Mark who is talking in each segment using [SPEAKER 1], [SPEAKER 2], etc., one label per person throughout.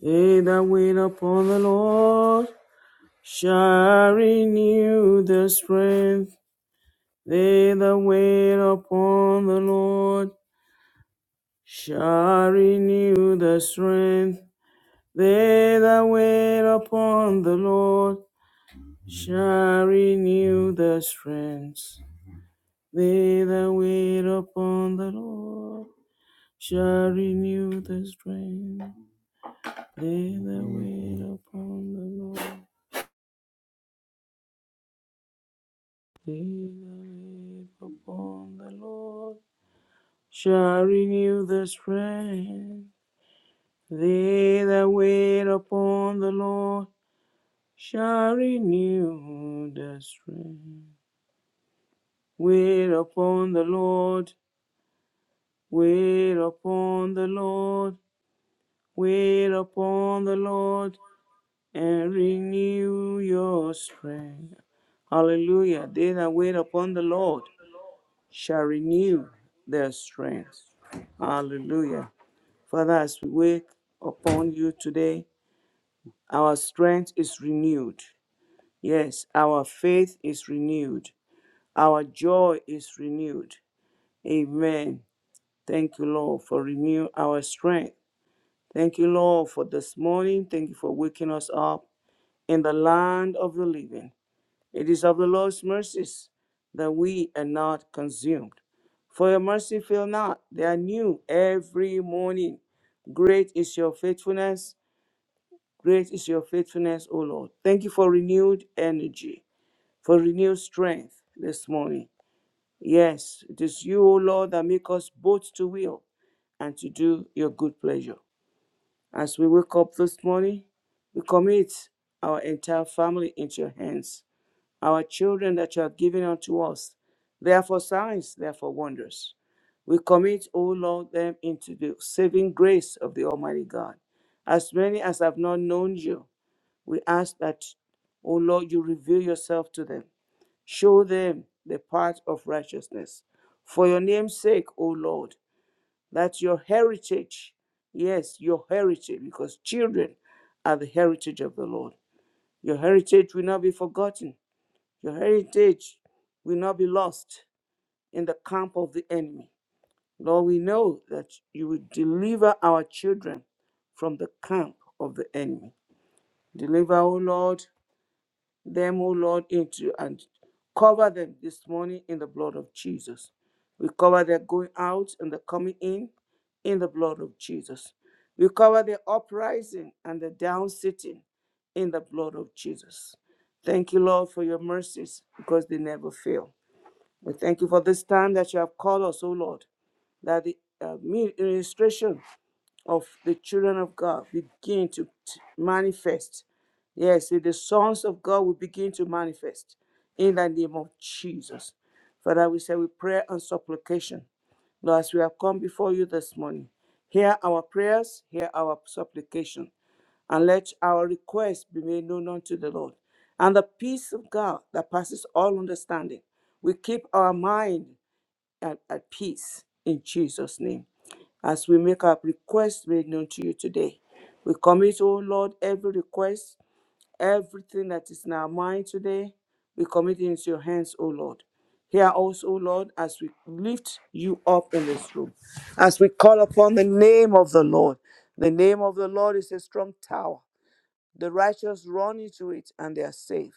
[SPEAKER 1] They that wait upon the Lord shall renew their strength. They that wait upon the Lord shall renew their strength. They that wait upon the Lord shall renew their strength. They that wait upon the Lord shall renew their strength. They that wait upon the Lord. He that wait upon the Lord shall renew their strength. They that wait upon the Lord shall renew their strength. Wait upon the Lord, wait upon the Lord, wait upon the Lord, and renew your strength. Hallelujah. They that wait upon the Lord. shall renew their strength. Hallelujah. Father, as we wake upon you today, our strength is renewed. Yes, our faith is renewed. Our joy is renewed. Amen. Thank you, Lord, for renewing our strength. Thank you, Lord, for this morning. Thank you for waking us up in the land of the living. It is of the Lord's mercies that we are not consumed. For your mercy fail not, they are new every morning. Great is your faithfulness. Great is your faithfulness, O Lord. Thank you for renewed energy, for renewed strength this morning. Yes, it is you, O Lord, that make us both to will and to do your good pleasure. As we wake up this morning, we commit our entire family into your hands our children that you have given unto us. They are for signs, they are for wonders. We commit, O Lord, them into the saving grace of the Almighty God. As many as have not known you, we ask that, O Lord, you reveal yourself to them. Show them the path of righteousness. For your name's sake, O Lord, that your heritage, yes, your heritage, because children are the heritage of the Lord. Your heritage will not be forgotten. Your heritage will not be lost in the camp of the enemy. Lord, we know that you will deliver our children from the camp of the enemy. Deliver, O Lord, them, O Lord, into and cover them this morning in the blood of Jesus. We cover their going out and their coming in in the blood of Jesus. We cover their uprising and their down sitting in the blood of Jesus. Thank you, Lord, for your mercies because they never fail. We thank you for this time that you have called us, O Lord, that the uh, ministration of the children of God begin to t- manifest. Yes, the sons of God will begin to manifest in the name of Jesus. Father, we say with prayer and supplication, Lord, as we have come before you this morning, hear our prayers, hear our supplication and let our requests be made known unto the Lord. And the peace of God that passes all understanding will keep our mind at, at peace in Jesus' name. As we make our requests made known to you today, we commit, O Lord, every request, everything that is in our mind today, we commit it into your hands, O Lord. Hear us, O Lord, as we lift you up in this room, as we call upon the name of the Lord. The name of the Lord is a strong tower the righteous run into it and they are saved.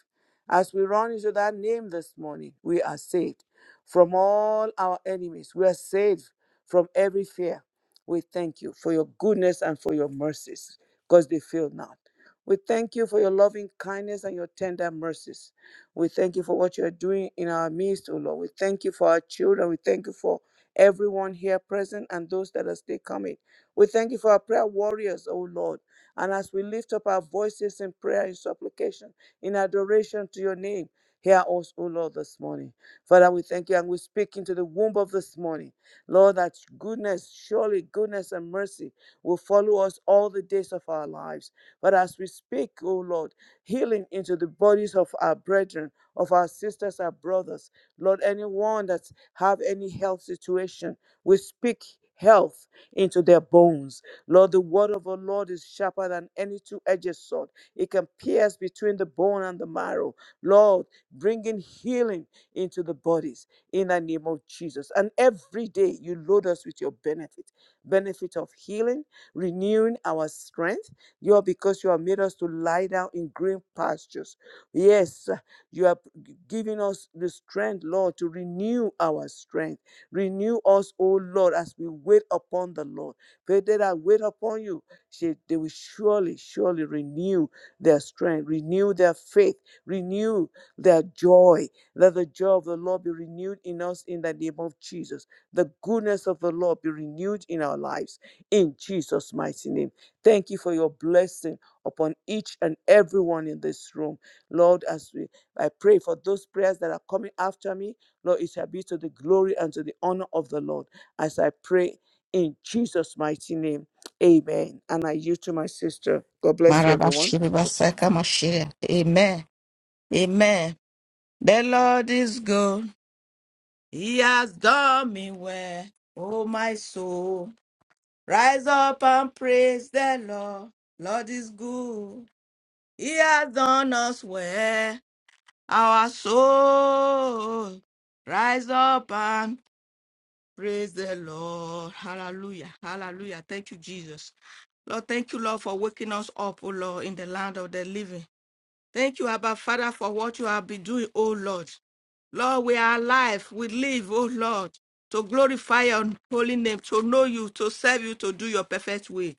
[SPEAKER 1] As we run into that name this morning, we are saved from all our enemies. We are saved from every fear. We thank you for your goodness and for your mercies because they fail not. We thank you for your loving kindness and your tender mercies. We thank you for what you are doing in our midst, O Lord. We thank you for our children. We thank you for everyone here present and those that are still coming. We thank you for our prayer warriors, O Lord. And as we lift up our voices in prayer, in supplication, in adoration to your name, hear us, O Lord, this morning. Father, we thank you and we speak into the womb of this morning. Lord, that goodness, surely goodness and mercy will follow us all the days of our lives. But as we speak, O Lord, healing into the bodies of our brethren, of our sisters, our brothers. Lord, anyone that have any health situation, we speak health into their bones Lord, the word of our Lord is sharper than any two edged sword. It can pierce between the bone and the marrow. Lord, bringing healing into the bodies in the name of Jesus. And every day you load us with your benefit benefit of healing, renewing our strength. You are because you have made us to lie down in green pastures. Yes, you are giving us the strength, Lord, to renew our strength. Renew us, O Lord, as we wait upon the Lord. They that I wait upon you, she, they will surely, surely renew their strength, renew their faith, renew their joy. Let the joy of the Lord be renewed in us in the name of Jesus. The goodness of the Lord be renewed in our lives in Jesus' mighty name. Thank you for your blessing upon each and everyone in this room. Lord, as we I pray for those prayers that are coming after me, Lord, it shall be to the glory and to the honor of the Lord. As I pray in Jesus' mighty name. Amen. And I yield to my sister. God bless you, everyone. for-
[SPEAKER 2] Marabashiribasaka Moshiach. Amen. Amen. The Lord is good. He has done me well. Oh, my soul. Rise up and praise the Lord. Lord is good. He has done us well. Our soul. Rise up and praise the Lord. Hallelujah. Hallelujah. Thank you, Jesus. Lord, thank you, Lord, for waking us up, oh Lord, in the land of the living. Thank you, Abba Father, for what you have been doing, O Lord. Lord, we are alive. We live, O Lord, to glorify your holy name, to know you, to serve you, to do your perfect will.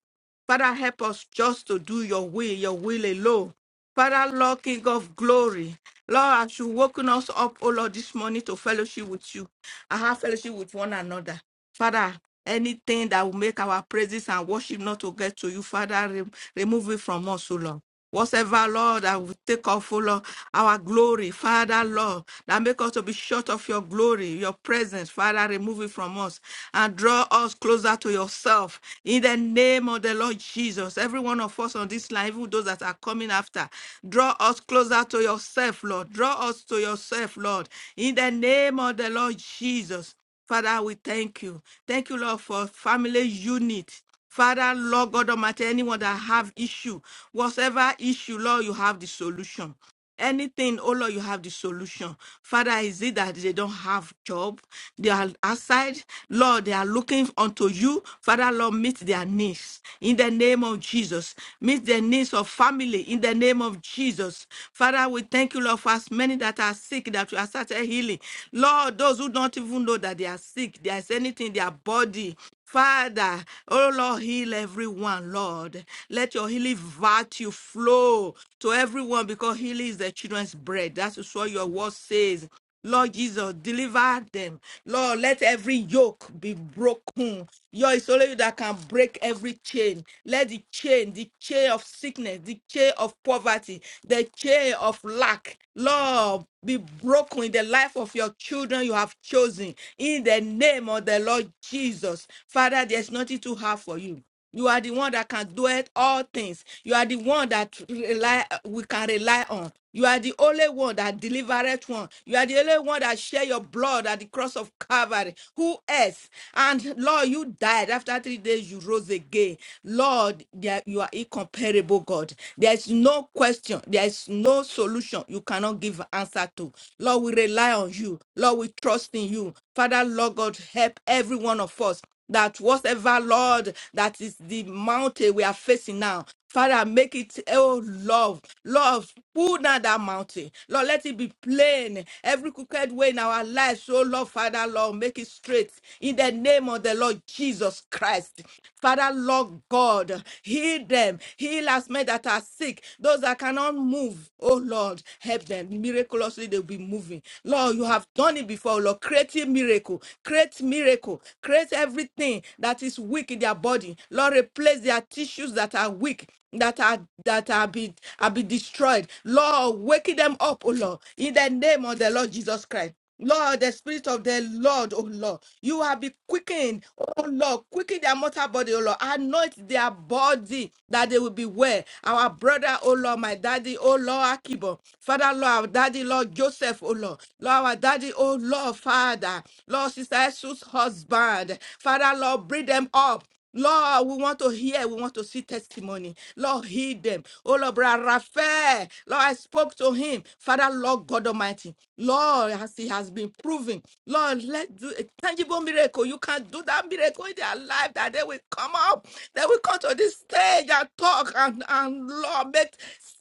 [SPEAKER 2] Father, help us just to do your will, your will alone. Father, Lord, King of glory, Lord, as you woken us up, O Lord, this morning to fellowship with you, I have fellowship with one another. Father, anything that will make our praises and worship not to get to you, Father, re- remove it from us, O Lord. Whatever, Lord, that will take off, O Lord, our glory, Father, Lord, that make us to be short of your glory, your presence, Father, remove it from us and draw us closer to yourself. In the name of the Lord Jesus, every one of us on this line, even those that are coming after, draw us closer to yourself, Lord. Draw us to yourself, Lord. In the name of the Lord Jesus. Father, we thank you. Thank you, Lord, for family unit. Father, Lord God Almighty, anyone that have issue, whatever issue, Lord, you have the solution. Anything, oh Lord, you have the solution. Father, is it that they don't have job? They are outside. Lord, they are looking unto you. Father, Lord, meet their needs in the name of Jesus. Meet the needs of family in the name of Jesus. Father, we thank you, Lord, for as many that are sick that you are started healing. Lord, those who don't even know that they are sick, there is anything in their body. Father, oh Lord, heal everyone, Lord. Let your healing virtue flow to everyone because healing is the children's bread. That's what your word says. Lord Jesus, deliver them. Lord, let every yoke be broken. Your is only you that can break every chain. Let the chain, the chain of sickness, the chain of poverty, the chain of lack, Lord, be broken in the life of your children you have chosen in the name of the Lord Jesus. Father, there's nothing too hard for you. You are the one that can do it all things. You are the one that rely, we can rely on. You are the only one that delivered one. You are the only one that shed your blood at the cross of Calvary. Who else? And Lord, you died. After three days, you rose again. Lord, there- you are incomparable, God. There's no question. There is no solution you cannot give answer to. Lord, we rely on you. Lord, we trust in you. Father, Lord God, help every one of us that whatever, Lord, that is the mountain we are facing now. Father, make it, oh Lord, Lord, pull down that mountain. Lord, let it be plain. Every crooked way in our lives, oh Lord, Father, Lord, make it straight. In the name of the Lord Jesus Christ. Father, Lord God, heal them. Heal as many that are sick, those that cannot move. Oh Lord, help them. Miraculously, they'll be moving. Lord, you have done it before, oh, Lord. Create a miracle. Create miracle. Create everything that is weak in their body. Lord, replace their tissues that are weak. That are that are be are be destroyed. Lord, waken them up, oh Lord, in the name of the Lord Jesus Christ. Lord, the spirit of the Lord, oh Lord, you have been quickened, oh Lord, quicken their mortal body, oh Lord, anoint their body that they will be well. Our brother, oh Lord, my daddy, oh Lord, Akibo, Father, Lord, our daddy, Lord, Joseph, oh Lord, Lord, our daddy, oh Lord, Father, Lord, Sister Jesus' husband, Father, Lord, bring them up. Lord, we want to hear, we want to see testimony. Lord, heal them. Oh, Lord, brother Raphael, Lord, I spoke to him. Father, Lord God Almighty. Lord, as it has been proven, Lord, let do a tangible miracle. You can do that miracle in their life that they will come up, they will come to this stage and talk and, and Lord, make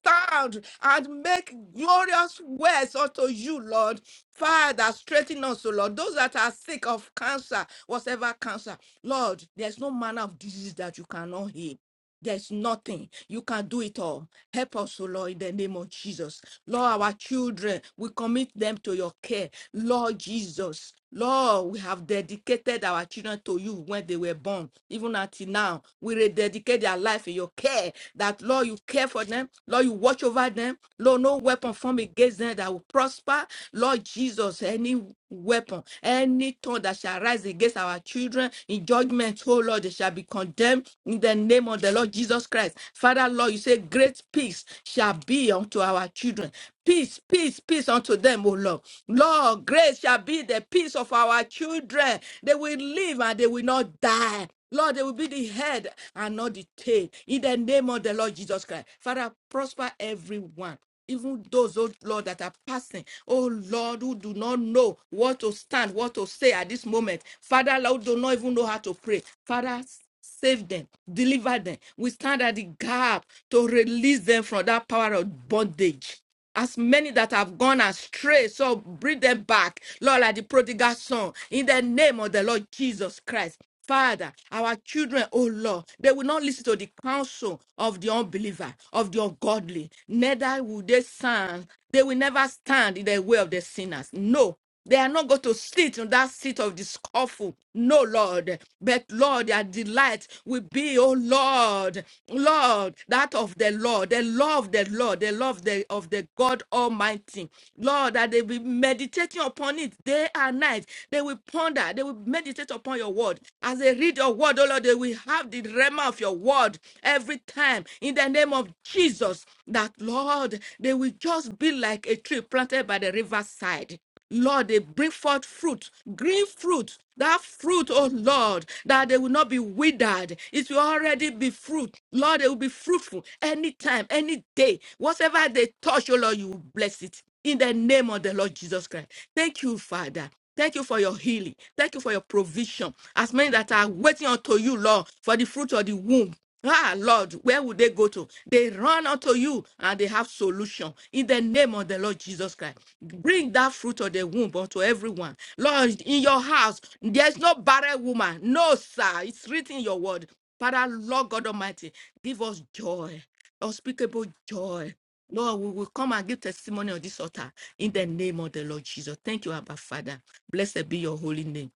[SPEAKER 2] sound and make glorious words unto you, Lord. Father, strengthen us, O Lord. Those that are sick of cancer, whatever cancer, Lord, there's no manner of disease that you cannot heal. There's nothing. You can do it all. Help us, O Lord, in the name of Jesus. Lord, our children, we commit them to your care. Lord Jesus, Lord, we have dedicated our children to you when they were born, even until now. We rededicate their life in your care. That, Lord, you care for them. Lord, you watch over them. Lord, no weapon formed against them that will prosper. Lord Jesus, any weapon, any tongue that shall rise arise against our children in judgment, oh Lord, they shall be condemned in the name of the Lord Jesus Christ. Father, Lord, you say, Great peace shall be unto our children. Peace, peace, peace unto them, O Lord. Lord, grace shall be the peace of our children. They will live and they will not die. Lord, they will be the head and not the tail. In the name of the Lord Jesus Christ. Father, prosper everyone even those, oh Lord, that are passing, oh Lord, who do not know what to stand, what to say at this moment. Father, Lord, do not even know how to pray. Father, save them, deliver them. We stand at the gap to release them from that power of bondage as many that have gone astray. So bring them back, Lord, like the prodigal son, in the name of the Lord Jesus Christ. Father, our children, oh Lord, they will not listen to the counsel of the unbeliever, of the ungodly, neither will they stand. They will never stand in the way of the sinners. No, they are not going to sit on that seat of the scoffle. No, Lord. But, Lord, their delight will be, oh Lord, Lord, that of the Lord, the love of the Lord, the love the, of the God Almighty. Lord, that they will be meditating upon it day and night. They will ponder, they will meditate upon your word. As they read your word, oh Lord, they will have the rhema of your word every time in the name of Jesus. That, Lord, they will just be like a tree planted by the riverside. Lord, they bring forth fruit, green fruit. That fruit, oh Lord, that they will not be withered. It will already be fruit. Lord, they will be fruitful anytime, any day. Whatever they touch, oh Lord, you will bless it. In the name of the Lord Jesus Christ. Thank you, Father. Thank you for your healing. Thank you for your provision. As many that are waiting unto you, Lord, for the fruit of the womb. Ah, Lord, where would they go to? They run unto you and they have solution in the name of the Lord Jesus Christ. Bring that fruit of the womb unto everyone. Lord, in your house, there's no barren woman. No, sir. It's written in your word. Father, Lord God Almighty, give us joy, unspeakable joy. Lord, we will come and give testimony on this altar in the name of the Lord Jesus. Thank you, Abba Father. Blessed be your holy name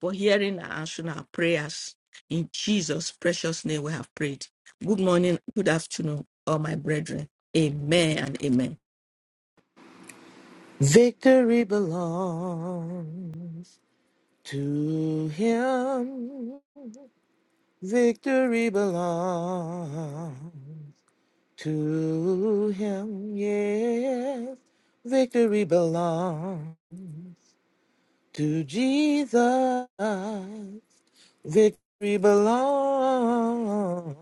[SPEAKER 2] for hearing and answering our prayers. In Jesus' precious name, we have prayed. Good morning, good afternoon, all my brethren. Amen and amen.
[SPEAKER 3] Victory belongs to him. Victory belongs to him. Yes. Victory belongs to Jesus. Victory belongs.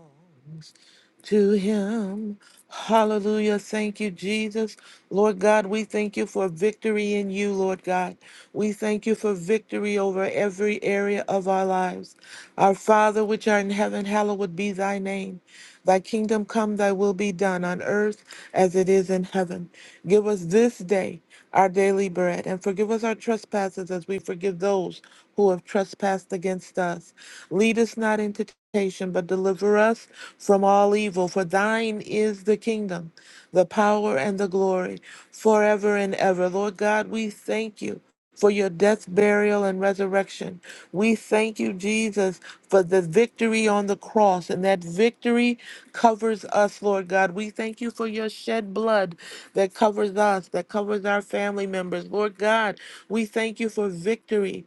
[SPEAKER 3] to him. Hallelujah. Thank you, Jesus. Lord God, we thank you for victory in you, Lord God. We thank you for victory over every area of our lives. Our Father, which art in heaven, hallowed be thy name. Thy kingdom come, thy will be done on earth as it is in heaven. Give us this day our daily bread, and forgive us our trespasses as we forgive those who have trespassed against us. Lead us not into temptation, but deliver us from all evil. For thine is the kingdom, the power, and the glory forever and ever. Lord God, we thank you for your death, burial, and resurrection. We thank you, Jesus, for the victory on the cross, and that victory covers us, Lord God. We thank you for your shed blood that covers us, that covers our family members. Lord God, we thank you for victory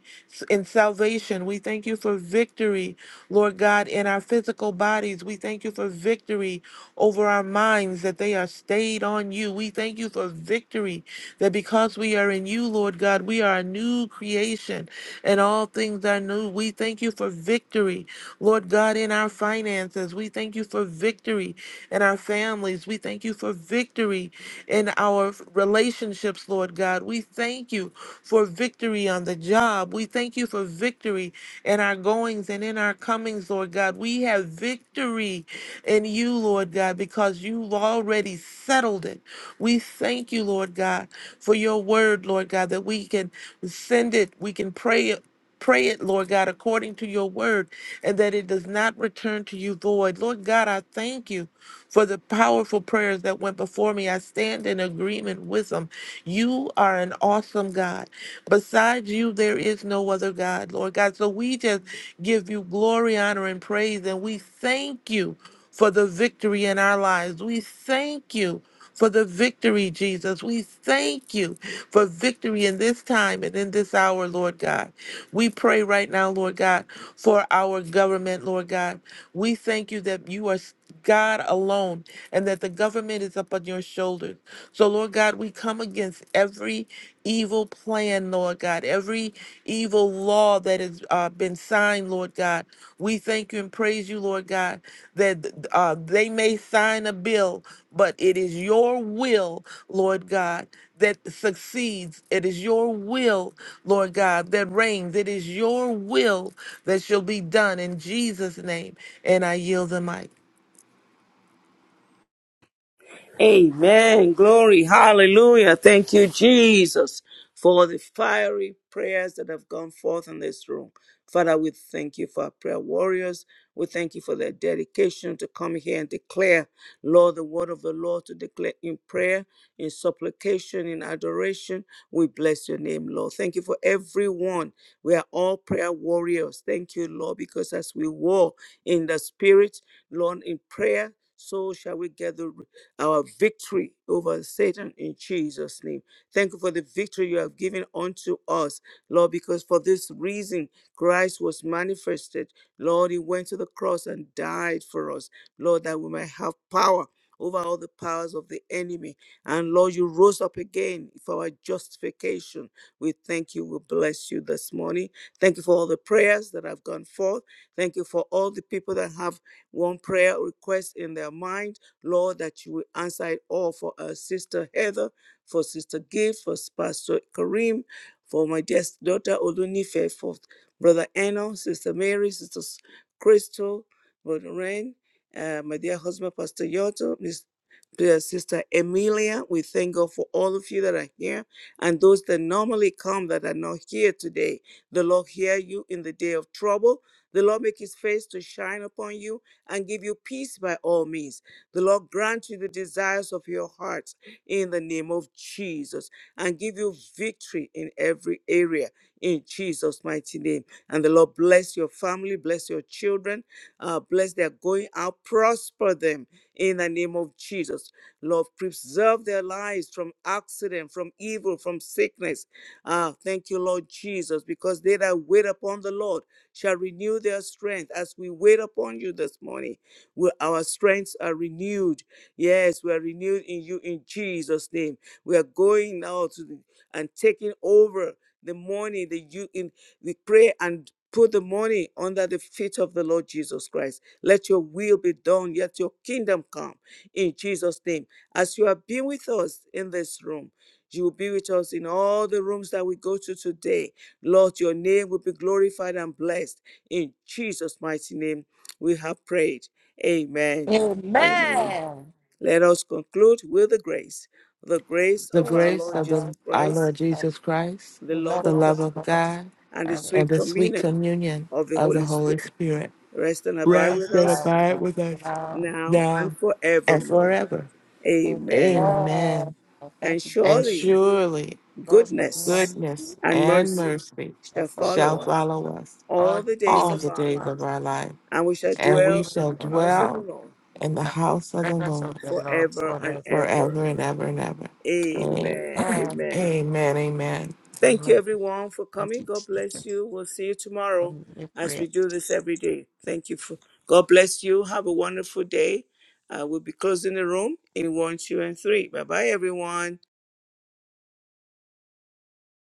[SPEAKER 3] in salvation. We thank you for victory, Lord God, in our physical bodies. We thank you for victory over our minds that they are stayed on you. We thank you for victory that because we are in you, Lord God, we are a new creation and all things are new. We thank you for victory, Lord God, in our finances. We thank you for victory in our families. We thank you for victory in our relationships, Lord God. We thank you for victory on the job. We thank you for victory in our goings and in our comings, Lord God. We have victory in you, Lord God, because you've already settled it. We thank you, Lord God for your word, Lord God, that we can send it, we can pray it. Pray it, Lord God, according to your word, and that it does not return to you void. Lord God, I thank you for the powerful prayers that went before me. I stand in agreement with them. You are an awesome God. Besides you, there is no other God, Lord God. So we just give you glory, honor, and praise, and we thank you for the victory in our lives. We thank you for the victory, Jesus. We thank you for victory in this time and in this hour, Lord God. We pray right now, Lord God, for our government, Lord God. We thank you that you are God alone and that the government is up on your shoulders. So, Lord God, we come against every evil plan, Lord God, every evil law that has uh, been signed, Lord God. We thank you and praise you, Lord God, that uh, they may sign a bill but it is your will, Lord God, that succeeds. It is your will, Lord God, that reigns. It is your will that shall be done in Jesus' name. And I yield the mic.
[SPEAKER 1] Amen. Glory. Hallelujah. Thank you, Jesus, for the fiery prayers that have gone forth in this room. Father, we thank you for our prayer warriors. We thank you for their dedication to come here and declare, Lord, the word of the Lord, to declare in prayer, in supplication, in adoration. We bless your name, Lord. Thank you for everyone. We are all prayer warriors. Thank you, Lord, because as we war in the spirit, Lord, in prayer, so shall we gather our victory over Satan in Jesus' name. Thank you for the victory you have given unto us, Lord, because for this reason Christ was manifested. Lord, he went to the cross and died for us, Lord, that we might have power over all the powers of the enemy. And Lord, you rose up again for our justification. We thank you. We bless you this morning. Thank you for all the prayers that have gone forth. Thank you for all the people that have one prayer request in their mind. Lord, that you will answer it all for our sister Heather, for sister Gift, for Pastor Kareem, for my dear daughter Olunife, for brother Eno, sister Mary, sister Crystal, brother Ren, uh, my dear husband Pastor Yoto, Miss dear sister Emilia. We thank God for all of you that are here and those that normally come that are not here today. The Lord hear you in the day of trouble. The Lord make his face to shine upon you and give you peace by all means. The Lord grant you the desires of your heart in the name of Jesus and give you victory in every area in Jesus' mighty name. And the Lord bless your family, bless your children, uh, bless their going out, prosper them in the name of Jesus. Lord, preserve their lives from accident, from evil, from sickness. Ah, thank you, Lord Jesus, because they that wait upon the Lord shall renew their strength as we wait upon you this morning where our strengths are renewed. Yes, we are renewed in you in Jesus' name. We are going now to the, and taking over the money that you in we pray and put the money under the feet of the Lord Jesus Christ. Let your will be done, let your kingdom come in Jesus' name. As you have been with us in this room, you will be with us in all the rooms that we go to today. Lord, your name will be glorified and blessed. In Jesus' mighty name, we have prayed. Amen. Amen.
[SPEAKER 2] Amen.
[SPEAKER 1] Let us conclude with the grace, the grace
[SPEAKER 3] The
[SPEAKER 1] of our
[SPEAKER 2] Jesus,
[SPEAKER 3] grace
[SPEAKER 1] Lord
[SPEAKER 2] our
[SPEAKER 3] of
[SPEAKER 1] Jesus
[SPEAKER 3] the,
[SPEAKER 2] Lord, you
[SPEAKER 3] our
[SPEAKER 1] Christ,
[SPEAKER 3] Lord
[SPEAKER 2] have-
[SPEAKER 3] Jesus Christ,
[SPEAKER 1] the
[SPEAKER 2] you
[SPEAKER 1] love
[SPEAKER 3] the
[SPEAKER 2] love
[SPEAKER 1] of
[SPEAKER 2] us
[SPEAKER 3] love
[SPEAKER 1] God,
[SPEAKER 3] of
[SPEAKER 2] so much.
[SPEAKER 3] God,
[SPEAKER 1] and the
[SPEAKER 2] And
[SPEAKER 3] and
[SPEAKER 1] sweet
[SPEAKER 3] the sweet
[SPEAKER 1] communion
[SPEAKER 3] communion
[SPEAKER 1] of the
[SPEAKER 2] we
[SPEAKER 3] of
[SPEAKER 2] have
[SPEAKER 3] the
[SPEAKER 1] Holy
[SPEAKER 3] Holy
[SPEAKER 1] Spirit.
[SPEAKER 3] Spirit
[SPEAKER 1] Rest and
[SPEAKER 2] us
[SPEAKER 1] abide
[SPEAKER 3] rest
[SPEAKER 1] with
[SPEAKER 2] of
[SPEAKER 3] and
[SPEAKER 2] God
[SPEAKER 1] us
[SPEAKER 3] abide
[SPEAKER 2] for
[SPEAKER 3] with us
[SPEAKER 2] now.
[SPEAKER 1] now and
[SPEAKER 3] now and
[SPEAKER 1] forevermore.
[SPEAKER 3] forever.
[SPEAKER 1] Amen.
[SPEAKER 2] Amen.
[SPEAKER 3] Amen.
[SPEAKER 2] And
[SPEAKER 1] And
[SPEAKER 2] thank you,
[SPEAKER 3] And
[SPEAKER 1] surely
[SPEAKER 3] surely
[SPEAKER 2] God's goodness
[SPEAKER 1] goodness
[SPEAKER 3] goodness
[SPEAKER 1] and
[SPEAKER 3] and
[SPEAKER 1] mercy
[SPEAKER 3] mercy
[SPEAKER 2] and
[SPEAKER 1] shall
[SPEAKER 3] shall
[SPEAKER 1] follow
[SPEAKER 2] for
[SPEAKER 1] us
[SPEAKER 2] us
[SPEAKER 3] follow us
[SPEAKER 1] all
[SPEAKER 2] all
[SPEAKER 1] the days
[SPEAKER 3] all
[SPEAKER 2] these
[SPEAKER 1] of
[SPEAKER 3] the
[SPEAKER 1] our
[SPEAKER 3] days
[SPEAKER 2] uh,
[SPEAKER 3] of
[SPEAKER 1] lives,
[SPEAKER 3] our life,
[SPEAKER 1] and we shall
[SPEAKER 2] which are
[SPEAKER 3] and we
[SPEAKER 1] dwell in
[SPEAKER 3] shall
[SPEAKER 2] given
[SPEAKER 1] the
[SPEAKER 2] in the
[SPEAKER 1] house of the
[SPEAKER 2] house
[SPEAKER 3] dwell
[SPEAKER 1] Lord
[SPEAKER 3] in the
[SPEAKER 2] and
[SPEAKER 3] house of the
[SPEAKER 2] presence of
[SPEAKER 3] Lord
[SPEAKER 2] the Lord
[SPEAKER 1] forever and
[SPEAKER 2] forever.
[SPEAKER 1] ever.
[SPEAKER 3] forever and ever and ever. Amen.
[SPEAKER 1] Amen.
[SPEAKER 2] Amen.
[SPEAKER 1] Amen.
[SPEAKER 3] Amen. Amen.
[SPEAKER 1] Thank you,
[SPEAKER 2] Thank
[SPEAKER 1] everyone, for coming.
[SPEAKER 2] you,
[SPEAKER 1] God bless
[SPEAKER 2] Jesus,
[SPEAKER 1] you. We'll see you
[SPEAKER 2] for
[SPEAKER 1] tomorrow
[SPEAKER 2] your
[SPEAKER 1] as
[SPEAKER 2] prayer.
[SPEAKER 1] we do this every day. Thank you. For, God bless you. Have a wonderful day. Uh, we'll be closing the room in one, two, and three. Bye bye, everyone.